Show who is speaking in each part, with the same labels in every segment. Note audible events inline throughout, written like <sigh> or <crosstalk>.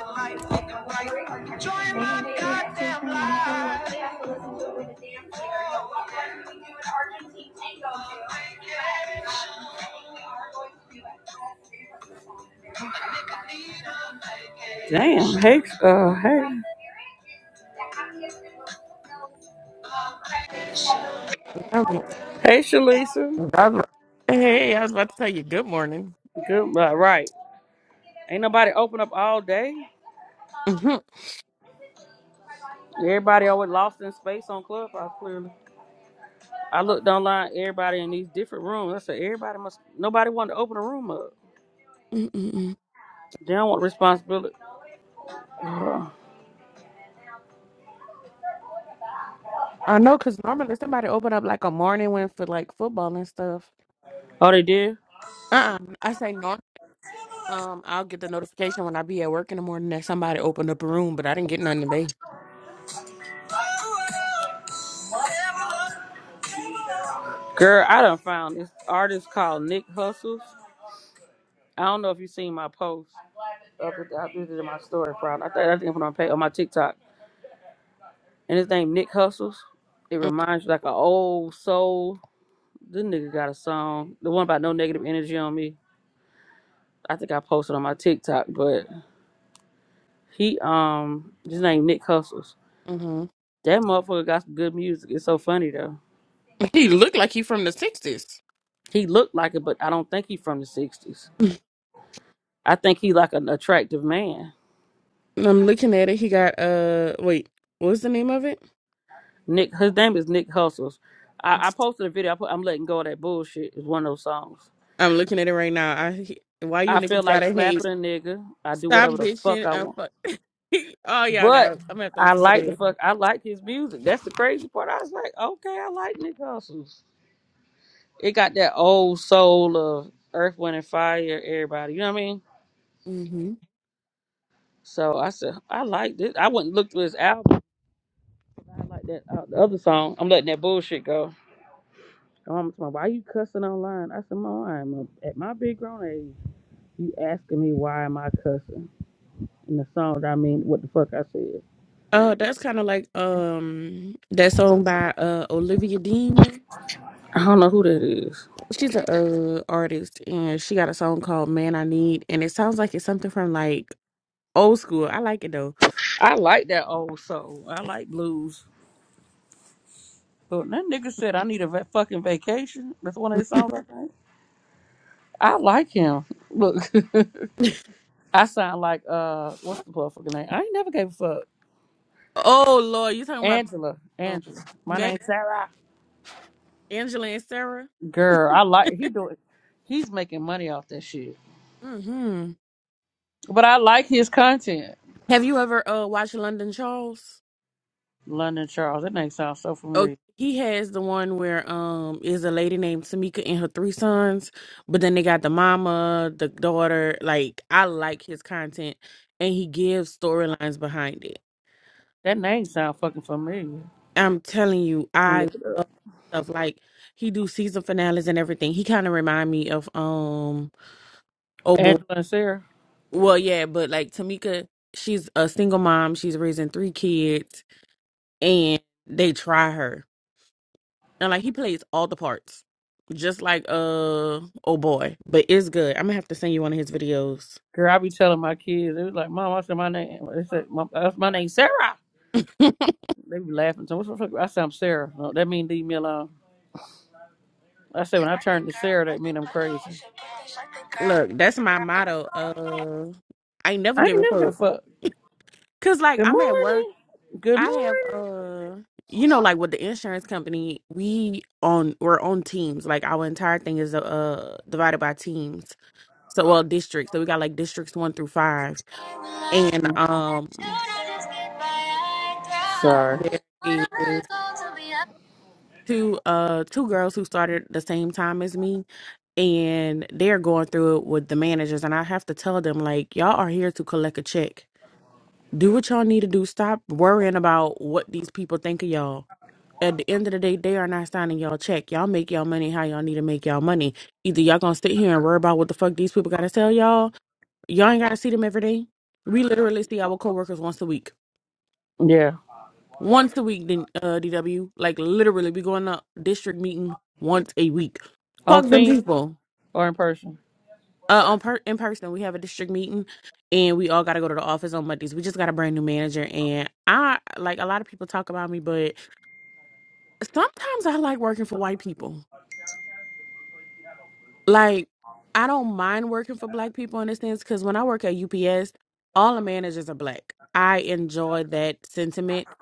Speaker 1: Join my goddamn life. Damn, hey, uh, hey.
Speaker 2: That mo-
Speaker 1: Hey, Shalisa.
Speaker 2: that mo- Hey, I was about to tell you good morning.
Speaker 1: Goodbye. Right. Ain't nobody open up all day.
Speaker 2: Mhm.
Speaker 1: Everybody always lost in space on Clubhouse, clearly. I looked online, everybody in these different rooms. I said, everybody must, nobody wanted to open a room up.
Speaker 2: Mm-mm-mm.
Speaker 1: They don't want responsibility. <sighs>
Speaker 2: I know, cause normally somebody open up like a morning one for like football and stuff.
Speaker 1: Uh, oh, they did?
Speaker 2: Uh, uh I say normal. Um, I'll get the notification when I be at work in the morning that somebody opened up a room, but I didn't get none today.
Speaker 1: Girl, I done found this artist called Nick Hustles. I don't know if you seen my post. I put I put it in my story, probably. I think I think I put it on, page, on my TikTok. And his name Nick Hustles. It reminds you like an old soul. This nigga got a song. The one about no negative energy on me. I think I posted on my TikTok, but he um his name Nick Hustles.
Speaker 2: Mm-hmm.
Speaker 1: That motherfucker got some good music. It's so funny though.
Speaker 2: <laughs> He looked like he from the sixties.
Speaker 1: He looked like it, but I don't think he from the sixties.
Speaker 2: <laughs>
Speaker 1: I think he like an attractive man.
Speaker 2: I'm looking at it. He got uh, wait, what's the name of it?
Speaker 1: Nick his name is Nick Hustles. I, I posted a video, I put I'm letting go of that bullshit It's one of those songs.
Speaker 2: I'm looking at it right now. I why
Speaker 1: I
Speaker 2: you
Speaker 1: feel
Speaker 2: niggas
Speaker 1: like
Speaker 2: gotta
Speaker 1: slapping
Speaker 2: hate?
Speaker 1: a nigga. I do
Speaker 2: Stop
Speaker 1: whatever the fuck
Speaker 2: bitching
Speaker 1: I
Speaker 2: I'm
Speaker 1: want.
Speaker 2: fuck. <laughs> oh y'all gotta.
Speaker 1: But
Speaker 2: I'm gonna have to
Speaker 1: I
Speaker 2: listen to
Speaker 1: like the
Speaker 2: this.
Speaker 1: fuck I like his music. That's the crazy part. I was like, okay, I like Nick Hustles. It got that old soul of Earth, Wind, and Fire, everybody. You know what I mean?
Speaker 2: hmm
Speaker 1: So I said, I like this. I wouldn't look through his album. I like that uh, the other song. I'm letting that bullshit go. My mama told me, why you cussing online? I said, Mom, I'm a, at my big grown age. You asking me why am I cussing? And the song I mean, what the fuck I said.
Speaker 2: Oh, that's kind of like um that song by uh Olivia Dean.
Speaker 1: I don't know who that is.
Speaker 2: She's a uh artist and she got a song called "Man I Need" and it sounds like it's something from like old school. I like it though.
Speaker 1: I like that old soul. I like blues. But that nigga said I need a va- fucking vacation. That's one of his songs, I think. I like him. Look. <laughs> I sound like uh, what's the motherfucker name? I ain't never gave a fuck.
Speaker 2: Oh Lord, you talking about
Speaker 1: Angela,
Speaker 2: um,
Speaker 1: Angela. My
Speaker 2: May,
Speaker 1: name's Sarah.
Speaker 2: Angela and Sarah?
Speaker 1: Girl, I like he doing. He's making money off that shit.
Speaker 2: hmm
Speaker 1: But I like his content.
Speaker 2: Have you ever uh watched London Charles?
Speaker 1: London Charles. That name sounds so
Speaker 2: Oh,
Speaker 1: familiar.
Speaker 2: he has the one where um is a lady named Tamika and her three sons, but then they got the mama, the daughter. Like I like his content, and he gives storylines behind it.
Speaker 1: That name sounds fucking familiar. I'm
Speaker 2: I'm telling you,
Speaker 1: gonna
Speaker 2: I
Speaker 1: look it up.
Speaker 2: love stuff like he do season finales and everything. He kind of remind me of um oh boy,
Speaker 1: Angela and Sarah.
Speaker 2: well yeah, but like Tamika, she's a single mom. She's raising three kids, and they try her. And like he plays all the parts. Just like uh oh boy. But it's good. I'm gonna have to send you one of his videos.
Speaker 1: Girl, I be telling my kids. They was like, Mom, I said my name. They said my, that's my name, Sarah.
Speaker 2: <laughs>
Speaker 1: They be laughing. So what's the fuck? I said I'm Sarah. No, that mean leave me alone. I said when I turn to Sarah, that mean I'm crazy.
Speaker 2: Look, that's my motto. Uh I ain't never
Speaker 1: I ain't
Speaker 2: give a
Speaker 1: never give a
Speaker 2: fuck.
Speaker 1: fuck.
Speaker 2: Cause like
Speaker 1: Good
Speaker 2: I'm at work.
Speaker 1: morning. Good
Speaker 2: I have
Speaker 1: morning.
Speaker 2: uh you know, like with the insurance company, we on we're on teams. Like our entire thing is uh divided by teams. So well districts. So we got like districts one through five. And um
Speaker 1: Sorry.
Speaker 2: there is two uh two girls who started the same time as me and they're going through it with the managers and I have to tell them like y'all are here to collect a check. Do what y'all need to do. Stop worrying about what these people think of y'all. At the end of the day, they are not signing y'all check. Y'all make y'all money how y'all need to make y'all money. Either y'all gonna sit here and worry about what the fuck these people gotta tell y'all. Y'all ain't gotta see them every day. We literally see our coworkers once a week.
Speaker 1: Yeah.
Speaker 2: Once a week, then uh DW. Like literally we go in a district meeting once a week.
Speaker 1: On
Speaker 2: Fuck them
Speaker 1: team
Speaker 2: people.
Speaker 1: or in person?
Speaker 2: Uh, on per- in person, we have a district meeting, and we all got to go to the office on Mondays. We just got a brand new manager, and I like a lot of people talk about me, but sometimes I like working for white people. like I don't mind working for black people in this sense because when I work at UPS, all the managers are black. I enjoy that sentiment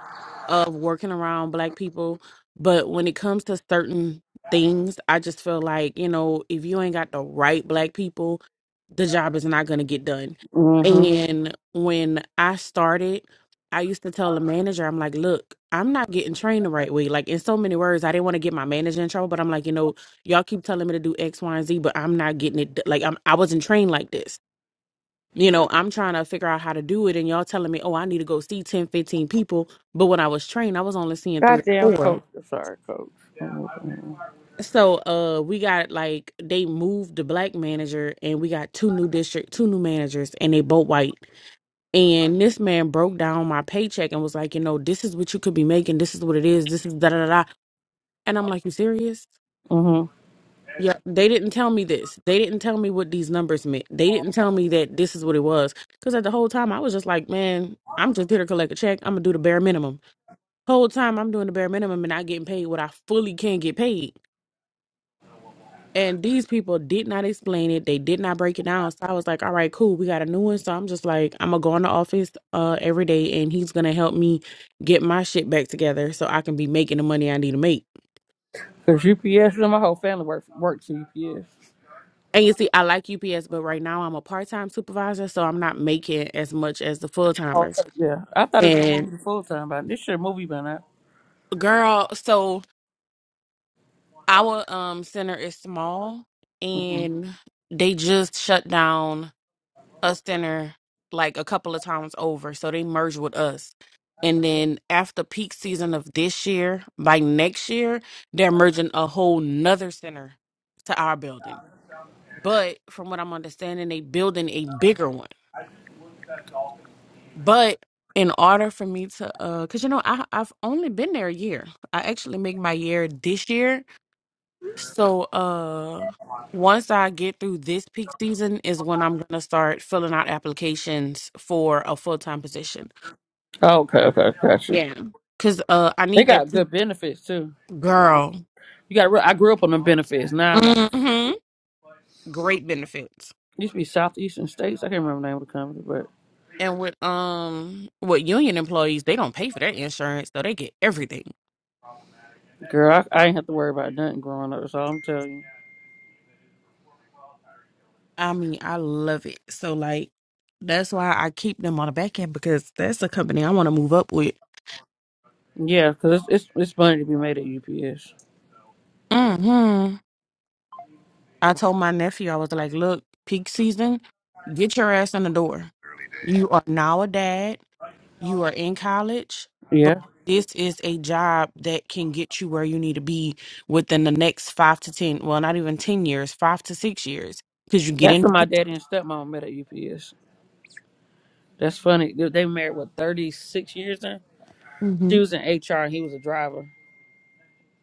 Speaker 2: of working around black people. But when it comes to certain things, I just feel like, you know, if you ain't got the right black people, the job is not going to get done.
Speaker 1: Mm-hmm.
Speaker 2: And when I started, I used to tell the manager, I'm like, look, I'm not getting trained the right way. Like, in so many words, I didn't want to get my manager in trouble, but I'm like, you know, y'all keep telling me to do X, Y, and Z, but I'm not getting it. d- Like I'm, I wasn't trained like this. You know, I'm trying to figure out how to do it, and y'all telling me, oh, I need to go see 10, 15 people. But when I was trained, I was only seeing three
Speaker 1: Goddamn
Speaker 2: or four.
Speaker 1: coach. Sorry, coach.
Speaker 2: So, uh, we got like they moved the black manager, and we got two new district, two new managers, and they both white. And this man broke down my paycheck and was like, you know, this is what you could be making. This is what it is. This is da da da. da." And I'm like, you serious?
Speaker 1: Mm-hmm.
Speaker 2: Yeah, they didn't tell me this. They didn't tell me what these numbers meant. They didn't tell me that this is what it was. Because at the whole time, I was just like, man, I'm just here to collect a check. I'm gonna do the bare minimum. Whole time, I'm doing the bare minimum and not getting paid what I fully can get paid. And these people did not explain it. They did not break it down. So I was like, all right, cool. We got a new one. So I'm just like, I'm gonna go in the office uh every day, and he's gonna help me get my shit back together so I can be making the money I need to make.
Speaker 1: Cause UPS and my whole family works works at UPS.
Speaker 2: And you see, I like UPS, but right now I'm a part time supervisor, so I'm not making as much as the full
Speaker 1: Oh,
Speaker 2: timers.
Speaker 1: so- yeah. I thought it was gonna move
Speaker 2: And
Speaker 1: you to full time, but this shit movie been out.
Speaker 2: girl, so our um center is small,
Speaker 1: Mm-hmm.
Speaker 2: and they just shut down a center like a couple of times over, so they merged with us. And then after peak season of this year, by next year, they're merging a whole nother center to our building. But from what I'm understanding, they building a bigger one. But in order for me to, uh, cause you know, I I've only been there a year. I actually make my year this year. So, uh, once I get through this peak season is when I'm gonna start filling out applications for a full time position.
Speaker 1: Okay, okay, gotcha.
Speaker 2: Yeah, cause uh, I
Speaker 1: They
Speaker 2: need
Speaker 1: got
Speaker 2: that peak-
Speaker 1: good benefits too.
Speaker 2: girl.
Speaker 1: You got. Real, I grew up on them benefits. Now, like,
Speaker 2: hmm Great benefits.
Speaker 1: used to be Southeastern States. I can't remember the name of the company, but
Speaker 2: And with um with union employees, they don't pay for their insurance, so they get everything.
Speaker 1: girl, I, I ain't have to worry about nothing growing up. So I'm telling
Speaker 2: I mean, I love it. So like that's why I keep them on the back end because that's a company I want to move up with.
Speaker 1: you, yeah, because it's, it's it's funny to be made at UPS.
Speaker 2: hmm I told my nephew, I was like, look, peak season, get your ass in the door. You are now a dad. You are in college, but
Speaker 1: Yeah,
Speaker 2: this is a job that can get you where you need to be within the next five to ten, well, not even ten years, five to six years. Because you get
Speaker 1: that's where my daddy and stepmom met at UPS. That's funny. They they married what 36 years now.
Speaker 2: in.
Speaker 1: She was in HR and he was a driver.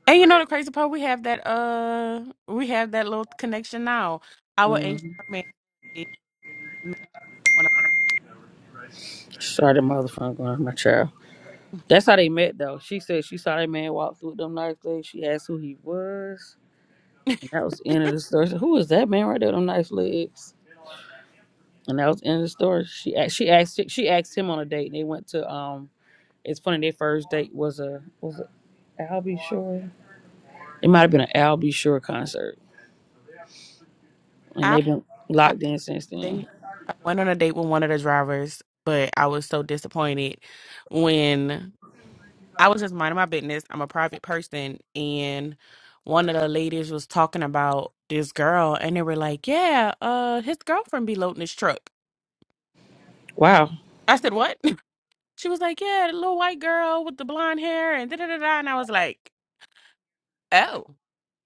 Speaker 2: And you know the crazy part, we have that uh, we have that little connection now. Our
Speaker 1: Mm-hmm.
Speaker 2: HR man is married to one of-
Speaker 1: Sorry, the motherfucker, going on my child. That's how they met though. She said she saw that man walk through with them nice legs. She asked who he was.
Speaker 2: <laughs>
Speaker 1: And that was the end of the story. I said, who is that man right there with them nice legs? and that was the end of the story. She a- she asked she asked him on a date, and they went to um. It's funny their first date was a was a Albie Shore. It might have been an Albie Shore concert, and
Speaker 2: I,
Speaker 1: they've been
Speaker 2: I
Speaker 1: locked in since then.
Speaker 2: date. I went on a date with one of the drivers, but I was so disappointed when I was just minding my business. I'm a private person, and one of the ladies was talking about this girl, and they were like, "Yeah, uh, his girlfriend be loading his truck."
Speaker 1: Wow,
Speaker 2: I said, "What?" <laughs> She was like, "Yeah, the little white girl with the blonde hair," and da da da da. And I was like, "Oh."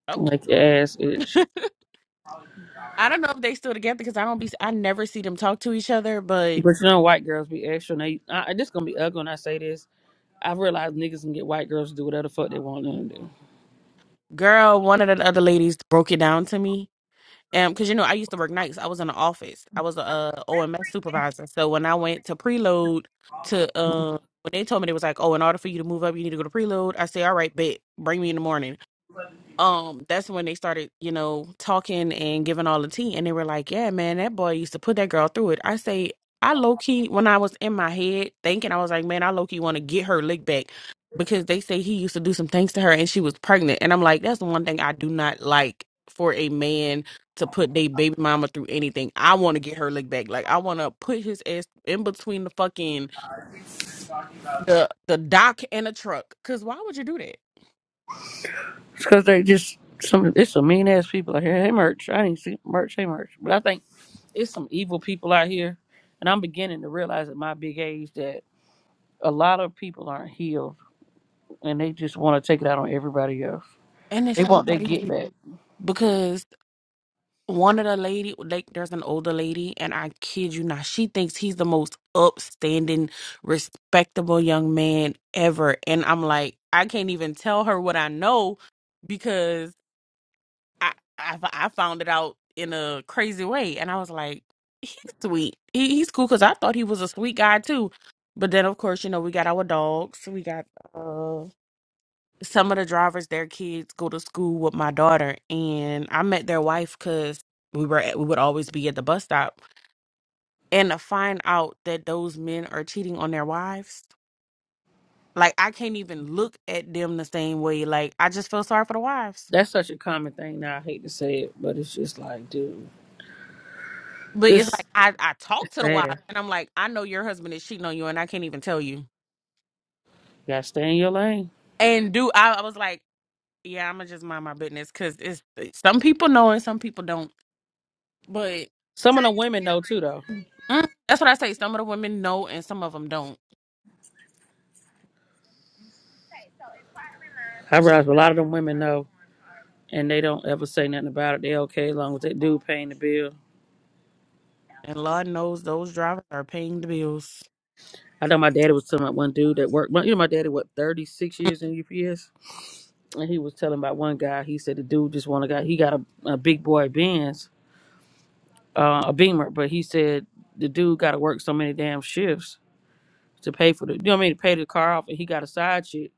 Speaker 2: Okay.
Speaker 1: like your ass itch.
Speaker 2: I don't know if they still together because I don't be I never see them talk to each other. But
Speaker 1: But you know, white girls be extra. And they I, this gonna be ugly when I say this. I realize niggas can get white girls to do whatever the fuck they want them to do.
Speaker 2: girl, one of the other ladies broke it down to me. Um, because you know I used to work nights. I was in the office. I was a uh, OMS supervisor. So when I went to preload to um. When they told me they was like, oh, in order for you to move up, you need to go to preload. I say, all right, bet, bring me in the morning. um that's when they started you know talking and giving all the tea and they were like yeah man that boy used to put that girl through it i say i low-key when i was in my head thinking i was like man i low-key want to get her lick back because they say he used to do some things to her and she was pregnant and i'm like that's the one thing i do not like for a man to put their baby mama through anything i want to get her lick back like i want to put his ass in between the fucking the the dock and the truck because why would you do that
Speaker 1: It's because they just some. It's some mean ass people out here. Hey, merch. I didn't see merch. Hey, merch. But I think it's some evil people out here, and I'm beginning to realize at my big age that a lot of people aren't healed, and they just want to take it out on everybody else.
Speaker 2: And it's
Speaker 1: They
Speaker 2: so
Speaker 1: want their get
Speaker 2: crazy
Speaker 1: back.
Speaker 2: because one of the lady, like, there's an older lady, and I kid you not, she thinks he's the most upstanding, respectable young man ever. And I'm like, I can't even tell her what I know because I, I I found it out in a crazy way, and I was like, he's sweet. He, he's cool because I thought he was a sweet guy too. But then, of course, you know, we got our dogs. We got uh, some of the drivers. Their kids go to school with my daughter, and I met their wife because we were at, we would always be at the bus stop. And to find out that those men are cheating on their wives, like I can't even look at them the same way. Like I just feel sorry for the wives.
Speaker 1: That's such a common thing now. I hate to say it, but it's just like, dude,
Speaker 2: But it's
Speaker 1: it's
Speaker 2: like I, I
Speaker 1: it's
Speaker 2: talk to the
Speaker 1: sad.
Speaker 2: wife and I'm like, I know your husband is cheating on you and I can't even tell you.
Speaker 1: You gotta stay in your lane.
Speaker 2: And do I, I was like, yeah, I'm gonna just mind my business because it's some people know and some people don't. But
Speaker 1: Some of the women know too, though.
Speaker 2: mm, that's what I say. Some of the women know and some of them don't.
Speaker 1: I
Speaker 2: It's-
Speaker 1: realize a lot of them women know, and they don't ever say nothing about it. They okay as long as that dude paying the bill.
Speaker 2: And Lord knows those drivers are paying the bills.
Speaker 1: I know my daddy was telling about one dude that worked. You know, my daddy what thirty six
Speaker 2: Mm.
Speaker 1: years in UPS, and he was telling about one guy. He said the dude just want to got he got a, a big boy Benz, uh, a Beamer, but he said the dude got to work so many damn shifts to pay for the. You know what I mean? To pay the car off, and he got a side chick.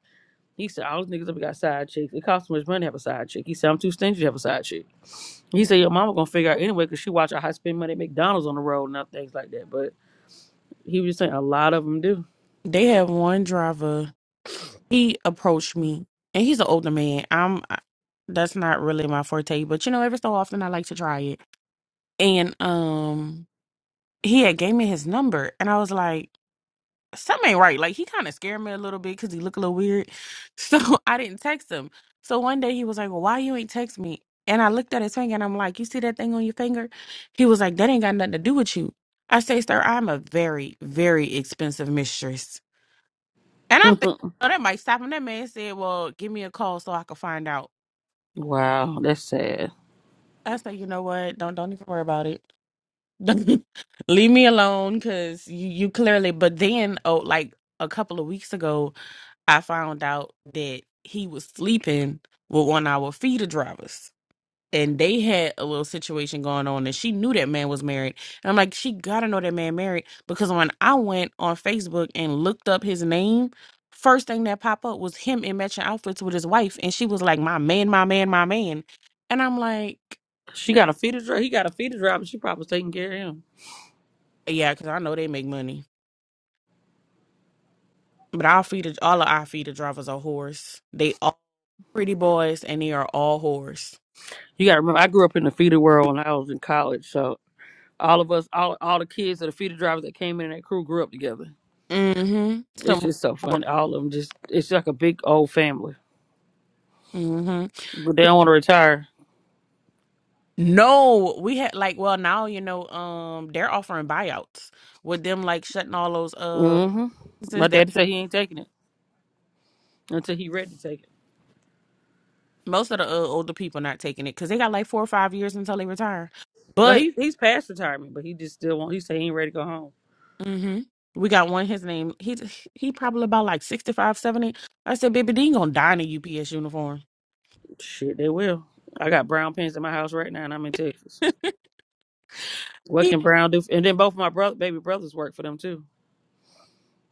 Speaker 1: He said all those niggas up got side chicks. It costs too much money to have a side chick. He said I'm too stingy to have a side chick. He said your mama gonna figure out anyway because she watch how I spend money at McDonald's on the road and other things like that. But he was just saying a lot of them do.
Speaker 2: They have one driver. He approached me and he's an older man. I'm I- that's not really my forte, but you know, every so often I like to try it. And um he had gave me his number and I was like, something ain't right. Like he kind of scared me a little bit because he looked a little weird. <laughs> So I didn't text him. So one day he was like, Well, why you ain't text me? And I looked at his finger and I'm like, You see that thing on your finger? He was like, That ain't got nothing to do with you. I say, Sir, I'm a very, very expensive mistress. And I'm thinking,
Speaker 1: <laughs>
Speaker 2: Oh, that might stop him. That man said, Well, give me a call so I can find out.
Speaker 1: wow, that's sad.
Speaker 2: I said, You know what? Don't don't even worry about it. <laughs> leave me alone because you, you clearly but then oh like a couple of weeks ago i found out that he was sleeping with one of our feeder drivers and they had a little situation going on and she knew that man was married and i'm like she gotta know that man married because when i went on facebook and looked up his name first thing that popped up was him in matching outfits with his wife and she was like my man my man my man and i'm like
Speaker 1: She got a feeder driver. He got a feeder driver. she probably was taking care of him.
Speaker 2: yeah because i know they make money But our feeder, all of our feeder drivers are whores. They all pretty boys, and they are all whores.
Speaker 1: You got to remember, I grew up in the feeder world when I was in college. So all of us, all all the kids of the feeder drivers that came in that crew grew up together.
Speaker 2: Mm-hmm.
Speaker 1: It's
Speaker 2: Some.
Speaker 1: just so
Speaker 2: whores.
Speaker 1: fun. All of them just, it's like a big old family.
Speaker 2: Mm-hmm.
Speaker 1: But they don't want to retire.
Speaker 2: No, we had like well now you know um they're offering buyouts with them like shutting all those uh
Speaker 1: hmm My
Speaker 2: since they're
Speaker 1: daddy said he ain't taking it until he ready to take it.
Speaker 2: most of the uh, older people not taking it because they got like four or five years until they retire.
Speaker 1: No,
Speaker 2: But
Speaker 1: he he's past retirement, but he just still won't. He said he ain't ready to go home.
Speaker 2: hmm we got one. His name he he probably about like 65, 70. I said, baby, they ain't gonna die in a UPS uniform.
Speaker 1: Shit, they will. I got brown pens in my house right now, and I'm in Texas. What
Speaker 2: He
Speaker 1: can Brown do? For, and then both of my brother, baby brothers work for them too.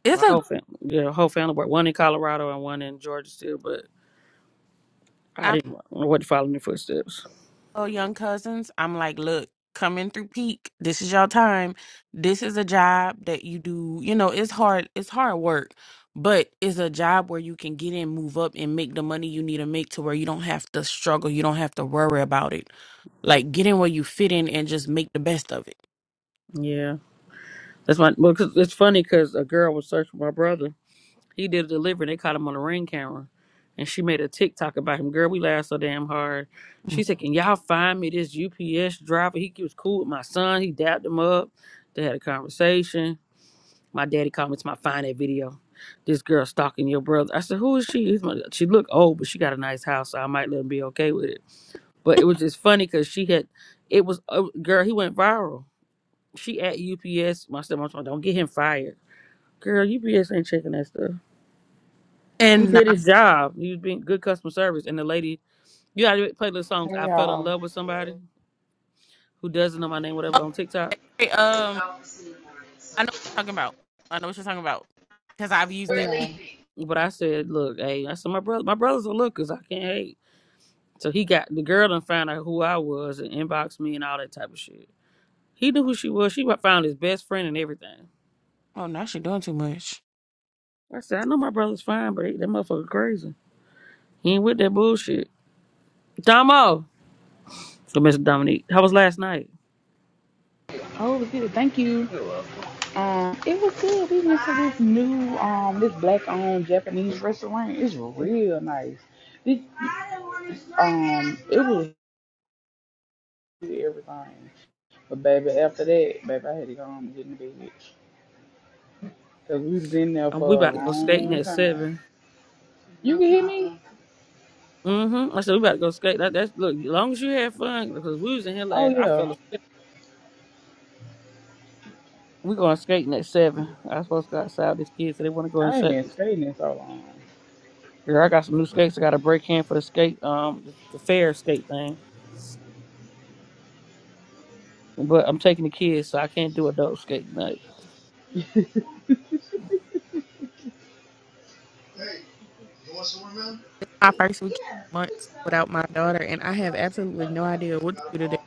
Speaker 2: it's
Speaker 1: My whole
Speaker 2: a.
Speaker 1: family, yeah, whole family worked. One in Colorado and one in Georgia still, but I didn't want to follow in their footsteps.
Speaker 2: Oh, young cousins, I'm like, look, coming through peak. This is your time. This is a job that you do. You know, it's hard. It's hard work, but it's a job where you can get in, move up, and make the money you need to make to where you don't have to struggle. You don't have to worry about it. Like, get in where you fit in and just make the best of it.
Speaker 1: Yeah, that's my. Well, 'cause it's funny because a girl was searching for my brother. He did a delivery. They caught him on a ring camera, and she made a TikTok about him. Girl, we laughed so damn hard. She
Speaker 2: Mm.
Speaker 1: said, "Can y'all find me this UPS driver? He was cool with my son. He dapped him up. They had a conversation. My daddy called me to my find that video." This girl stalking your brother. I said, "Who is she?" He's my- She looked old, but she got a nice house, so I might let him be okay with it. But it was just funny because she had, it was, uh, girl, he went viral. She at UPS. My stepmom told me, don't get him fired. Girl, UPS ain't checking that stuff. He
Speaker 2: And
Speaker 1: did
Speaker 2: not,
Speaker 1: his job. He was being good customer service. And the lady, you gotta play the songs.
Speaker 3: Hey
Speaker 1: I fell in
Speaker 3: y'all.
Speaker 1: love with somebody who doesn't know my name,
Speaker 2: oh,
Speaker 1: whatever, on TikTok.
Speaker 2: that great, um, I know what you're talking about. I know what you're talking about because I've used
Speaker 3: Hey
Speaker 2: that. <laughs>
Speaker 3: y'all.
Speaker 1: But I said, look, hey, I said, my brother, my brother's a lookers. I can't hate. So he got, the girl done found out who I was and inboxed me and all that type of shit. He knew who she was. She wa- found his best friend and everything.
Speaker 2: Oh, now she's doing too much.
Speaker 1: I said, I know my brother's fine, but he, that motherfucker crazy. He ain't with that bullshit. Domo. So Mr. Dominique. How was last night?
Speaker 3: Oh, it was good. Thank you. Yeah. Um, it was good. We went to this new um this black owned Japanese restaurant. It's real nice. It um it was good, everything. But baby, after that, baby, I had to go home and get in the bed because we was in there
Speaker 1: Um, we
Speaker 3: for a
Speaker 1: about to go skating
Speaker 3: long
Speaker 1: at
Speaker 3: time.
Speaker 1: seven.
Speaker 3: You can hear me?
Speaker 1: Mm-hmm. I said we about to go skate. That, that's look, as long as you had fun, because we was in here
Speaker 3: Oh
Speaker 1: last. I fell
Speaker 3: yeah.
Speaker 1: asleep. We going skating at seven. I was supposed to go outside with these kids, so they want to go and
Speaker 3: I ain't
Speaker 1: set.
Speaker 3: been skating in so long.
Speaker 1: Girl, I got some new skates. I got a break hand for the skate, um, the, the fair skate thing. But I'm taking the kids, so I can't do adult skate night.
Speaker 2: It's my first weekend months without my daughter, and I have absolutely no idea what to do today.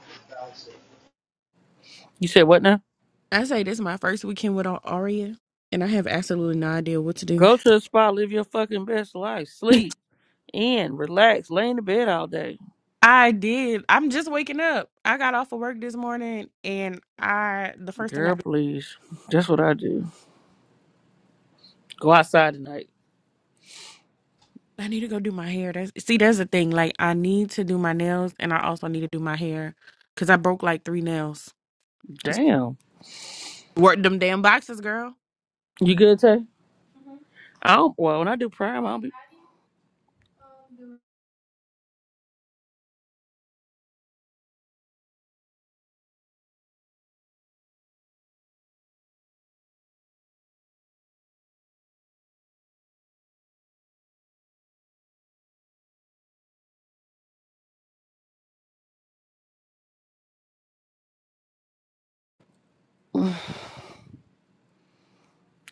Speaker 1: You said what now?
Speaker 2: I say this is my first weekend without Aria, and I have absolutely no idea what to do.
Speaker 1: Go to the spot, live your fucking best life, sleep in, relax, lay in the bed all day.
Speaker 2: I did. I'm just waking up. I got off of work this morning, and I the first thing
Speaker 1: Girl,
Speaker 2: I do,
Speaker 1: please. That's what I do. Go outside tonight.
Speaker 2: I need to go do my hair. That's see, that's the thing. Like I need to do my nails, and I also need to do my hair because I broke like three nails.
Speaker 1: Damn.
Speaker 2: Work them damn boxes, girl.
Speaker 1: You good, Tay? I don't, well, when I do prime, I'll be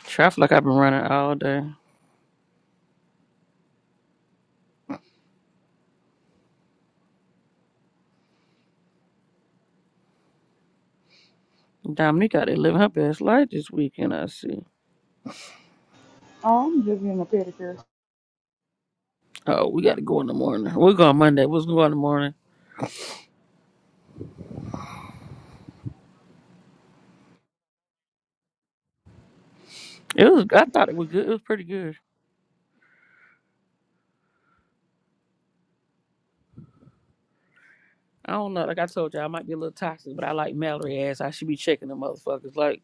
Speaker 1: traffic like I've been running all day. Dominique out there living her best life this weekend, I see.
Speaker 3: Oh, I'm just getting a pedicure.
Speaker 1: Oh, we got to go in the morning. We're going Monday. We'll go in the morning. It was, I thought it was good. It was pretty good. I don't know. Like I told you, all I might be a little toxic, but I like Mallory ass. I should be checking the motherfuckers. Like,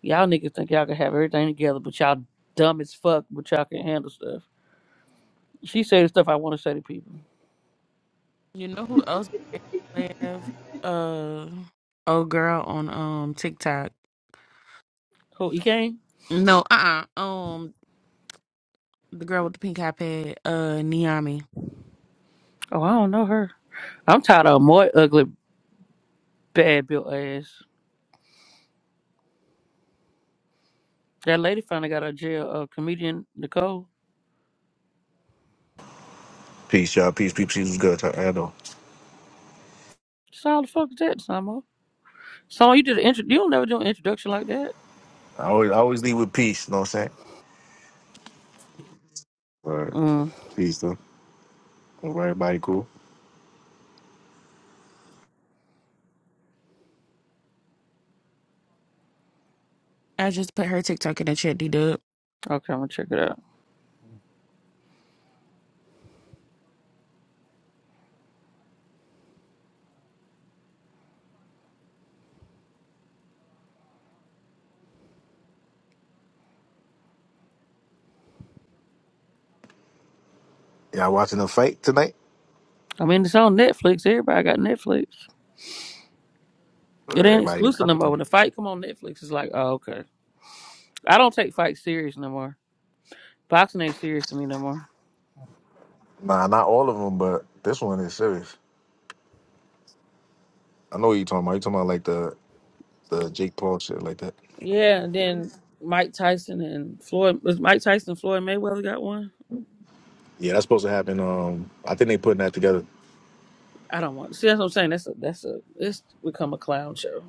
Speaker 1: y'all niggas think y'all can have everything together, but y'all dumb as fuck, but y'all can handle stuff. She say the stuff I want to say to people.
Speaker 2: You know who else live? Uh, oh girl on um TikTok.
Speaker 1: Who, he
Speaker 2: No, uh uh Um, the girl with the pink iPad, uh, Niami.
Speaker 1: Oh, I don't know her. I'm tired of more ugly, bad built ass. That lady finally got out of jail. Uh, comedian Nicole.
Speaker 4: Peace, y'all. Peace, peace, peace was good. I I know.
Speaker 1: So how the fuck is that, Samo? So you did an intro. You don't never do an introduction like that.
Speaker 4: I always, I always leave with peace. You know what I'm saying? All right.
Speaker 1: Mm,
Speaker 4: Peace, though. Hope Everybody cool.
Speaker 2: I just put her TikTok in the chat, D dub.
Speaker 1: okay, I'm gonna check it out.
Speaker 4: Y'all watching the fight tonight?
Speaker 1: I mean, it's on Netflix. Everybody got Netflix. It
Speaker 4: Or
Speaker 1: ain't
Speaker 4: Everybody.
Speaker 1: exclusive no more. When the fight come on Netflix, it's like, oh, okay. I don't take fights serious no more. Boxing ain't serious to me no more.
Speaker 4: Nah, not all of them, but this one is serious. I know what you talking about. You talking about like the the Jake Paul shit like that?
Speaker 1: Yeah, and then Mike Tyson and Floyd was Mike Tyson and Floyd Mayweather got one.
Speaker 4: Yeah, that's supposed to happen. Um, I think they putting that together.
Speaker 1: I don't want. See, that's what I'm saying. That's a that's a it's become a clown show.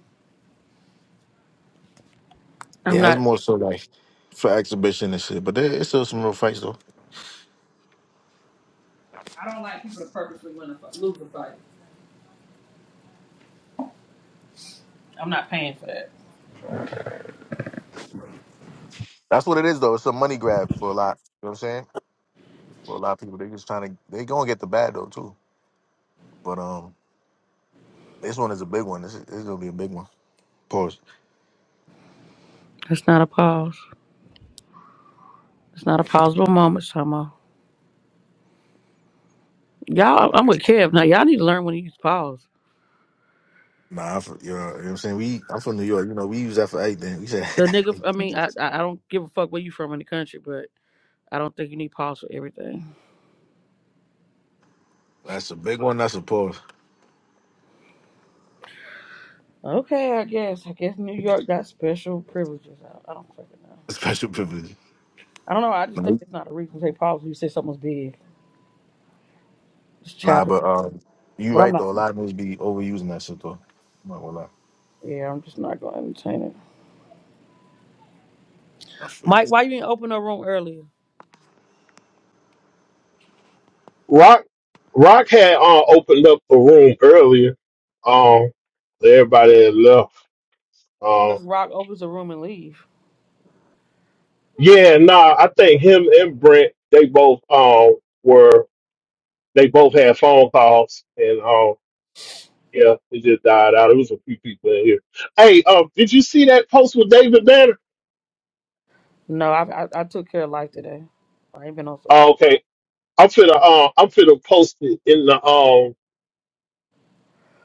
Speaker 1: I'm
Speaker 4: Yeah, it's
Speaker 1: not.
Speaker 4: more so like for exhibition and shit. But there, it's still some real fights though.
Speaker 1: I don't like people to purposely win a fi- lose a fight. I'm not paying for that.
Speaker 4: That's what it is though. It's a money grab for a lot. You know what I'm saying? For a lot of people, they just trying to. They gonna get the bad though too. But um. This one is a big one. This is, this is gonna be a big one. Pause.
Speaker 1: That's not a pause. It's not a pausable moment, Shama. Y'all, I'm with Kev now. Y'all need to learn when to use pause.
Speaker 4: Nah, I'm from, you, know, you know what I'm saying? We I'm from New York. You know, we use that for everything. We said
Speaker 1: The nigga,
Speaker 4: <laughs>
Speaker 1: I mean, I I I don't give a fuck where you from in the country, but I don't think you need pause for everything.
Speaker 4: that's a big one. That's a pause.
Speaker 1: Okay, I guess. I guess New
Speaker 4: <laughs>
Speaker 1: York got special privileges. I, I don't fucking know.
Speaker 4: Special privilege.
Speaker 1: I don't know. I just think
Speaker 4: Nah,
Speaker 1: it's not a reason to say pause. when You say something's big. It's
Speaker 4: nah,
Speaker 1: childish.
Speaker 4: but uh, you
Speaker 1: But I'm
Speaker 4: right
Speaker 1: not.
Speaker 4: though. A lot of niggas be overusing that shit though. I'm not gonna lie.
Speaker 1: Yeah, I'm just not going to entertain it.
Speaker 4: I feel you.
Speaker 1: Mike, why you didn't open a room earlier?
Speaker 5: Rock Rock had uh, opened up a room earlier. Um, everybody had left. Um,
Speaker 1: Cause Rock opens a room and leave.
Speaker 5: yeah, nah, I think him and Brent they both um were they both had phone calls and um yeah it just died out. It was a few people in here. Hey, um, did you see that post with David Banner?
Speaker 1: No, I, I I took care of life today. I ain't been on social.
Speaker 5: Oh, okay, I'm finna uh, I'm finna post it in the um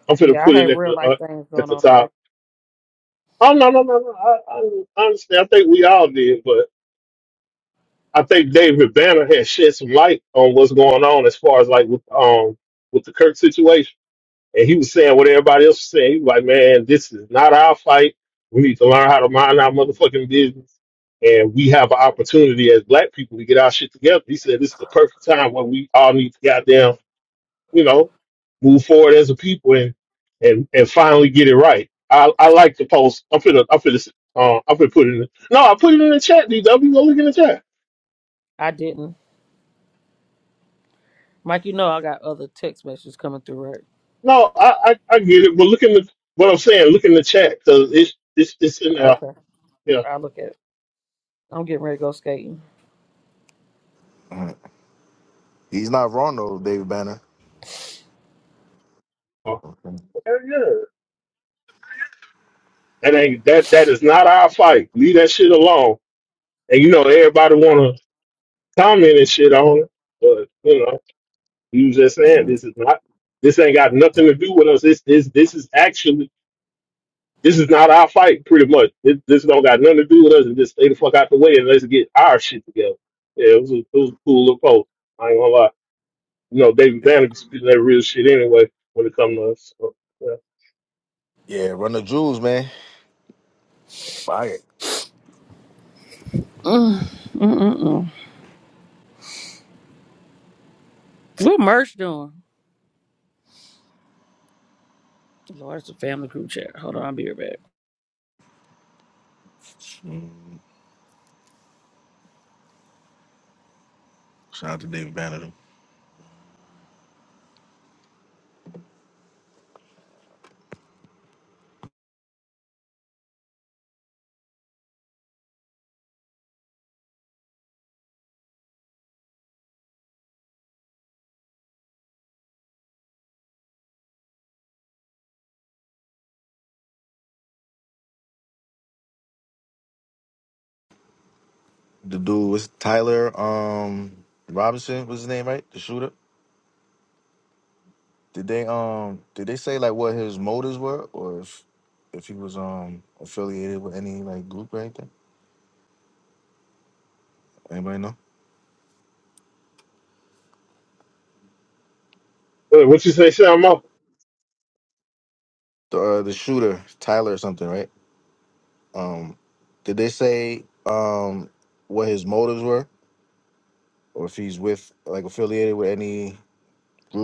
Speaker 5: I'm finna
Speaker 1: Yeah,
Speaker 5: put
Speaker 1: I
Speaker 5: it
Speaker 1: had
Speaker 5: at
Speaker 1: real
Speaker 5: the uh,
Speaker 1: life things
Speaker 5: at
Speaker 1: going
Speaker 5: the
Speaker 1: on today.
Speaker 5: top. Oh no no no no I, I I understand. I think we all did, I think David Banner had shed some light on what's going on as far as like with um with the Kirk situation. And he was saying what everybody else was saying. He was like, Man, this is not our fight. We need to learn how to mind our motherfucking business. And we have an opportunity as black people to get our shit together. He said this is the perfect time where we all need to goddamn, you know, move forward as a people and and, and finally get it right. I, I like the post. I'm finna I'm finna uh, I'm finna put it in the, No, I put it in the chat, DW. Go look in the chat.
Speaker 1: I didn't. Mike, you know I got other text messages coming through, right?
Speaker 5: No, I, I, I get it, but look in the what I'm saying. Look in the chat because it's it's it's in there.
Speaker 1: Okay,
Speaker 5: Yeah,
Speaker 1: I look at. It. I'm getting ready to go skating.
Speaker 4: Mhm. He's not wrong though, David Banner.
Speaker 5: Oh,
Speaker 4: Okay.
Speaker 5: hell yeah. That ain't that that is not our fight. Leave that shit alone. And you know everybody want to comment and shit on it, but you know you was just
Speaker 4: Yeah,
Speaker 5: saying this
Speaker 4: we-
Speaker 5: is not this ain't got nothing to do with us. This this this is actually this is not our fight. Pretty much this, this don't got nothing to do with us. And just stay the fuck out the way and let's get our shit together. Yeah, it was a, it was a cool little post. I ain't gonna lie. you know, David Banner be spitting that real shit anyway when it comes to us. So, yeah.
Speaker 4: yeah, run the jewels, man. Fire.
Speaker 1: Mm, mm, mm, mm. What merch doing? Lord, it's a family group chat. Hold on, I'll be right back.
Speaker 4: Mm, Shout out to David Banner. though. The dude was Tyler um Robinson was his name, right? The shooter. Did they um did they say like what his motives were or if if he was um affiliated with any like group or anything? Anybody know?
Speaker 5: Uh, What you say, Sean Moore?
Speaker 4: The uh, the shooter, Tyler or something, right? Um did they say um what his motives were or if he's with like affiliated with any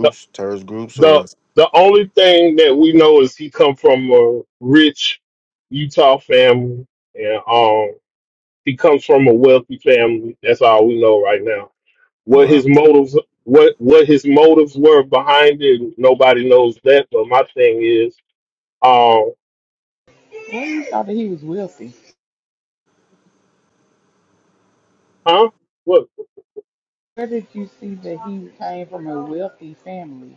Speaker 5: The,
Speaker 4: terrorist groups
Speaker 5: the
Speaker 4: or
Speaker 5: the only thing that we know is he come from a rich Utah family, and um, he comes from a wealthy family. That's all we know right now.
Speaker 4: or
Speaker 5: What
Speaker 4: uh,
Speaker 5: his motives, what what his motives were behind it, nobody knows that. But my thing is, um,
Speaker 3: Where you thought that he was wealthy?
Speaker 5: huh? What?
Speaker 3: Where did you see that he came from a wealthy family?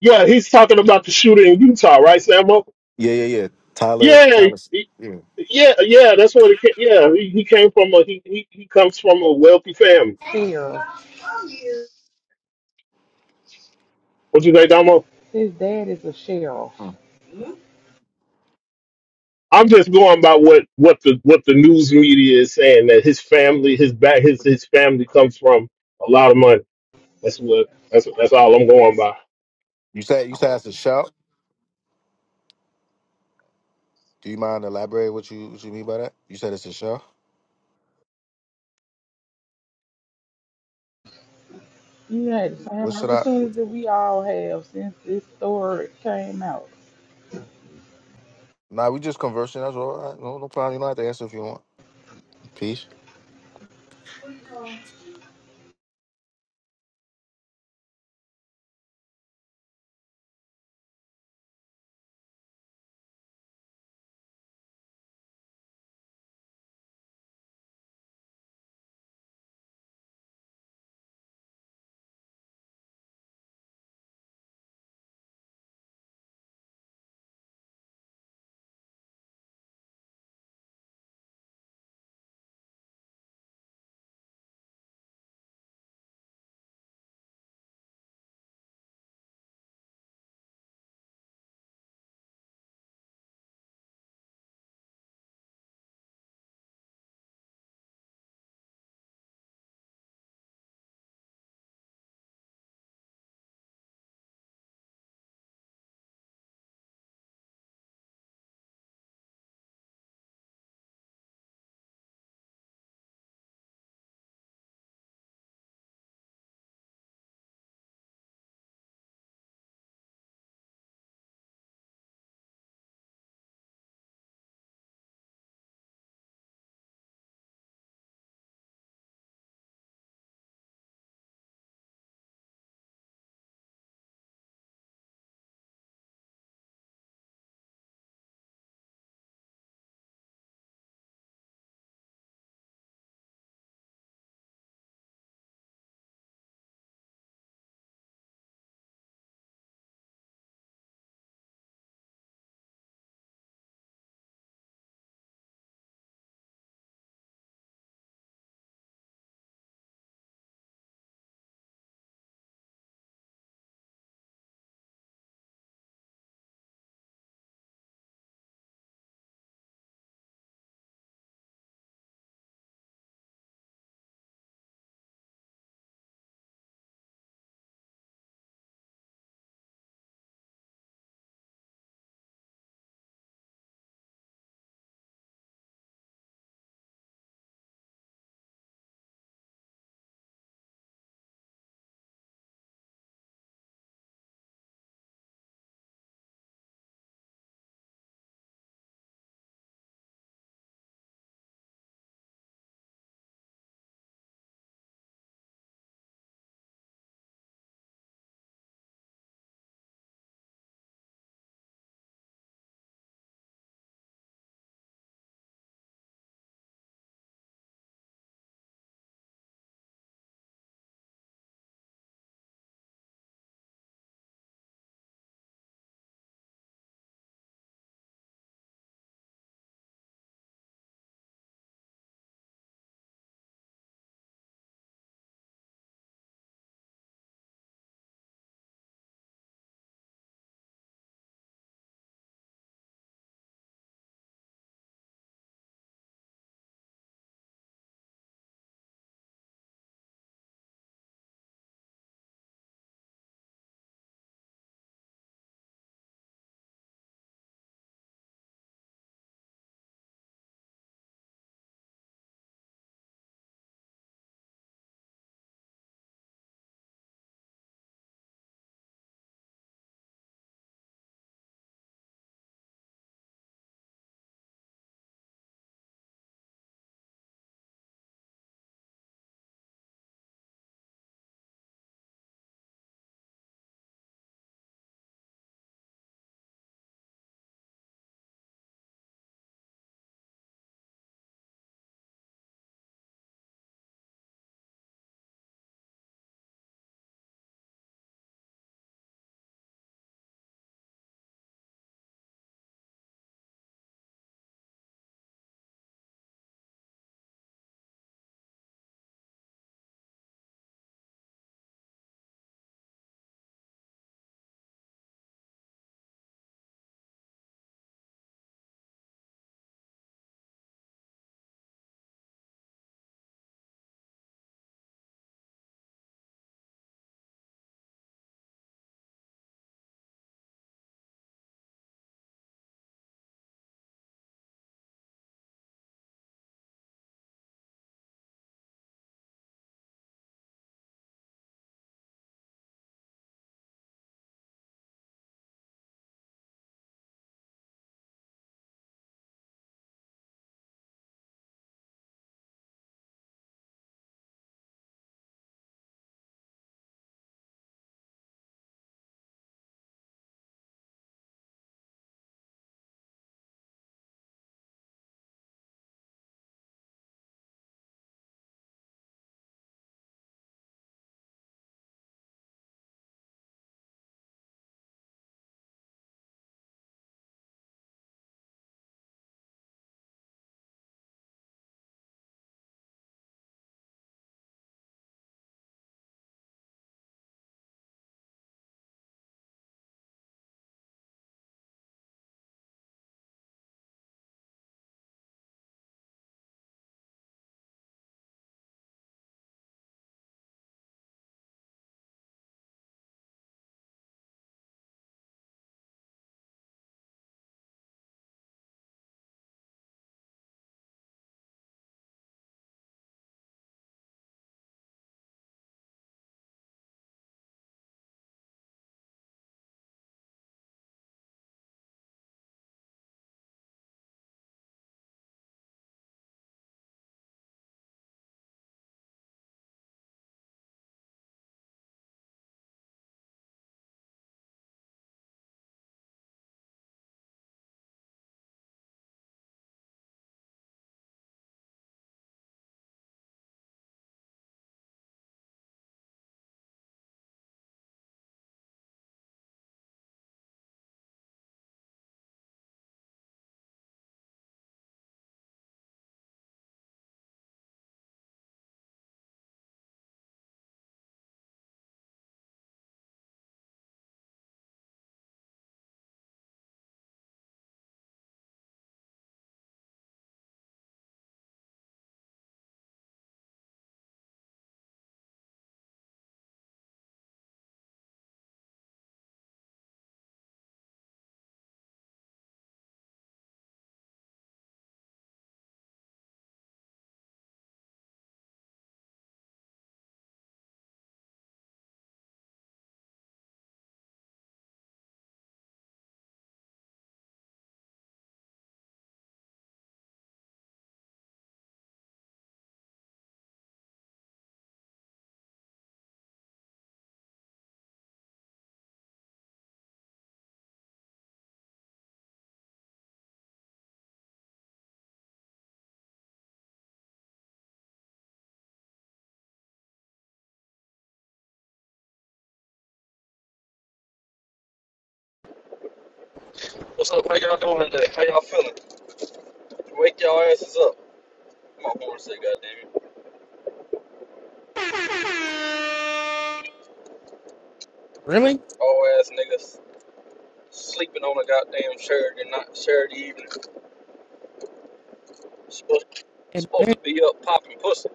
Speaker 5: Yeah, he's talking about the shooter in Utah, right, Sam?
Speaker 4: Yeah, yeah, yeah. Tyler's
Speaker 5: Yeah,
Speaker 4: Tyler's yeah.
Speaker 5: Yeah, yeah, that's what it. ca- Yeah, he, he came from a he, he he comes from a wealthy family.
Speaker 3: Fair.
Speaker 5: What you think, Damo?
Speaker 3: His dad is a sheriff.
Speaker 4: Mm.
Speaker 5: I'm just going by what what the what the news media is saying that his family, his back, his his family comes from a lot of money. That's what that's that's all I'm going by.
Speaker 4: You said you said it's a shout. Do you mind elaborating what you what you mean by that? You said it's a shout.
Speaker 3: You had the
Speaker 4: What
Speaker 3: same
Speaker 4: should I?
Speaker 3: opportunities that we all have since this story came out.
Speaker 4: Nah, we just conversing. That's all. All right, No, no problem. You don't have to answer if you want. Peace.
Speaker 6: What's up? How y'all doing today? How y'all feeling? Wake y'all asses up. My board say, goddamn it.
Speaker 2: Really?
Speaker 6: All ass niggas sleeping on a goddamn Saturday night, Saturday evening. Supposed, supposed to be up popping pussy.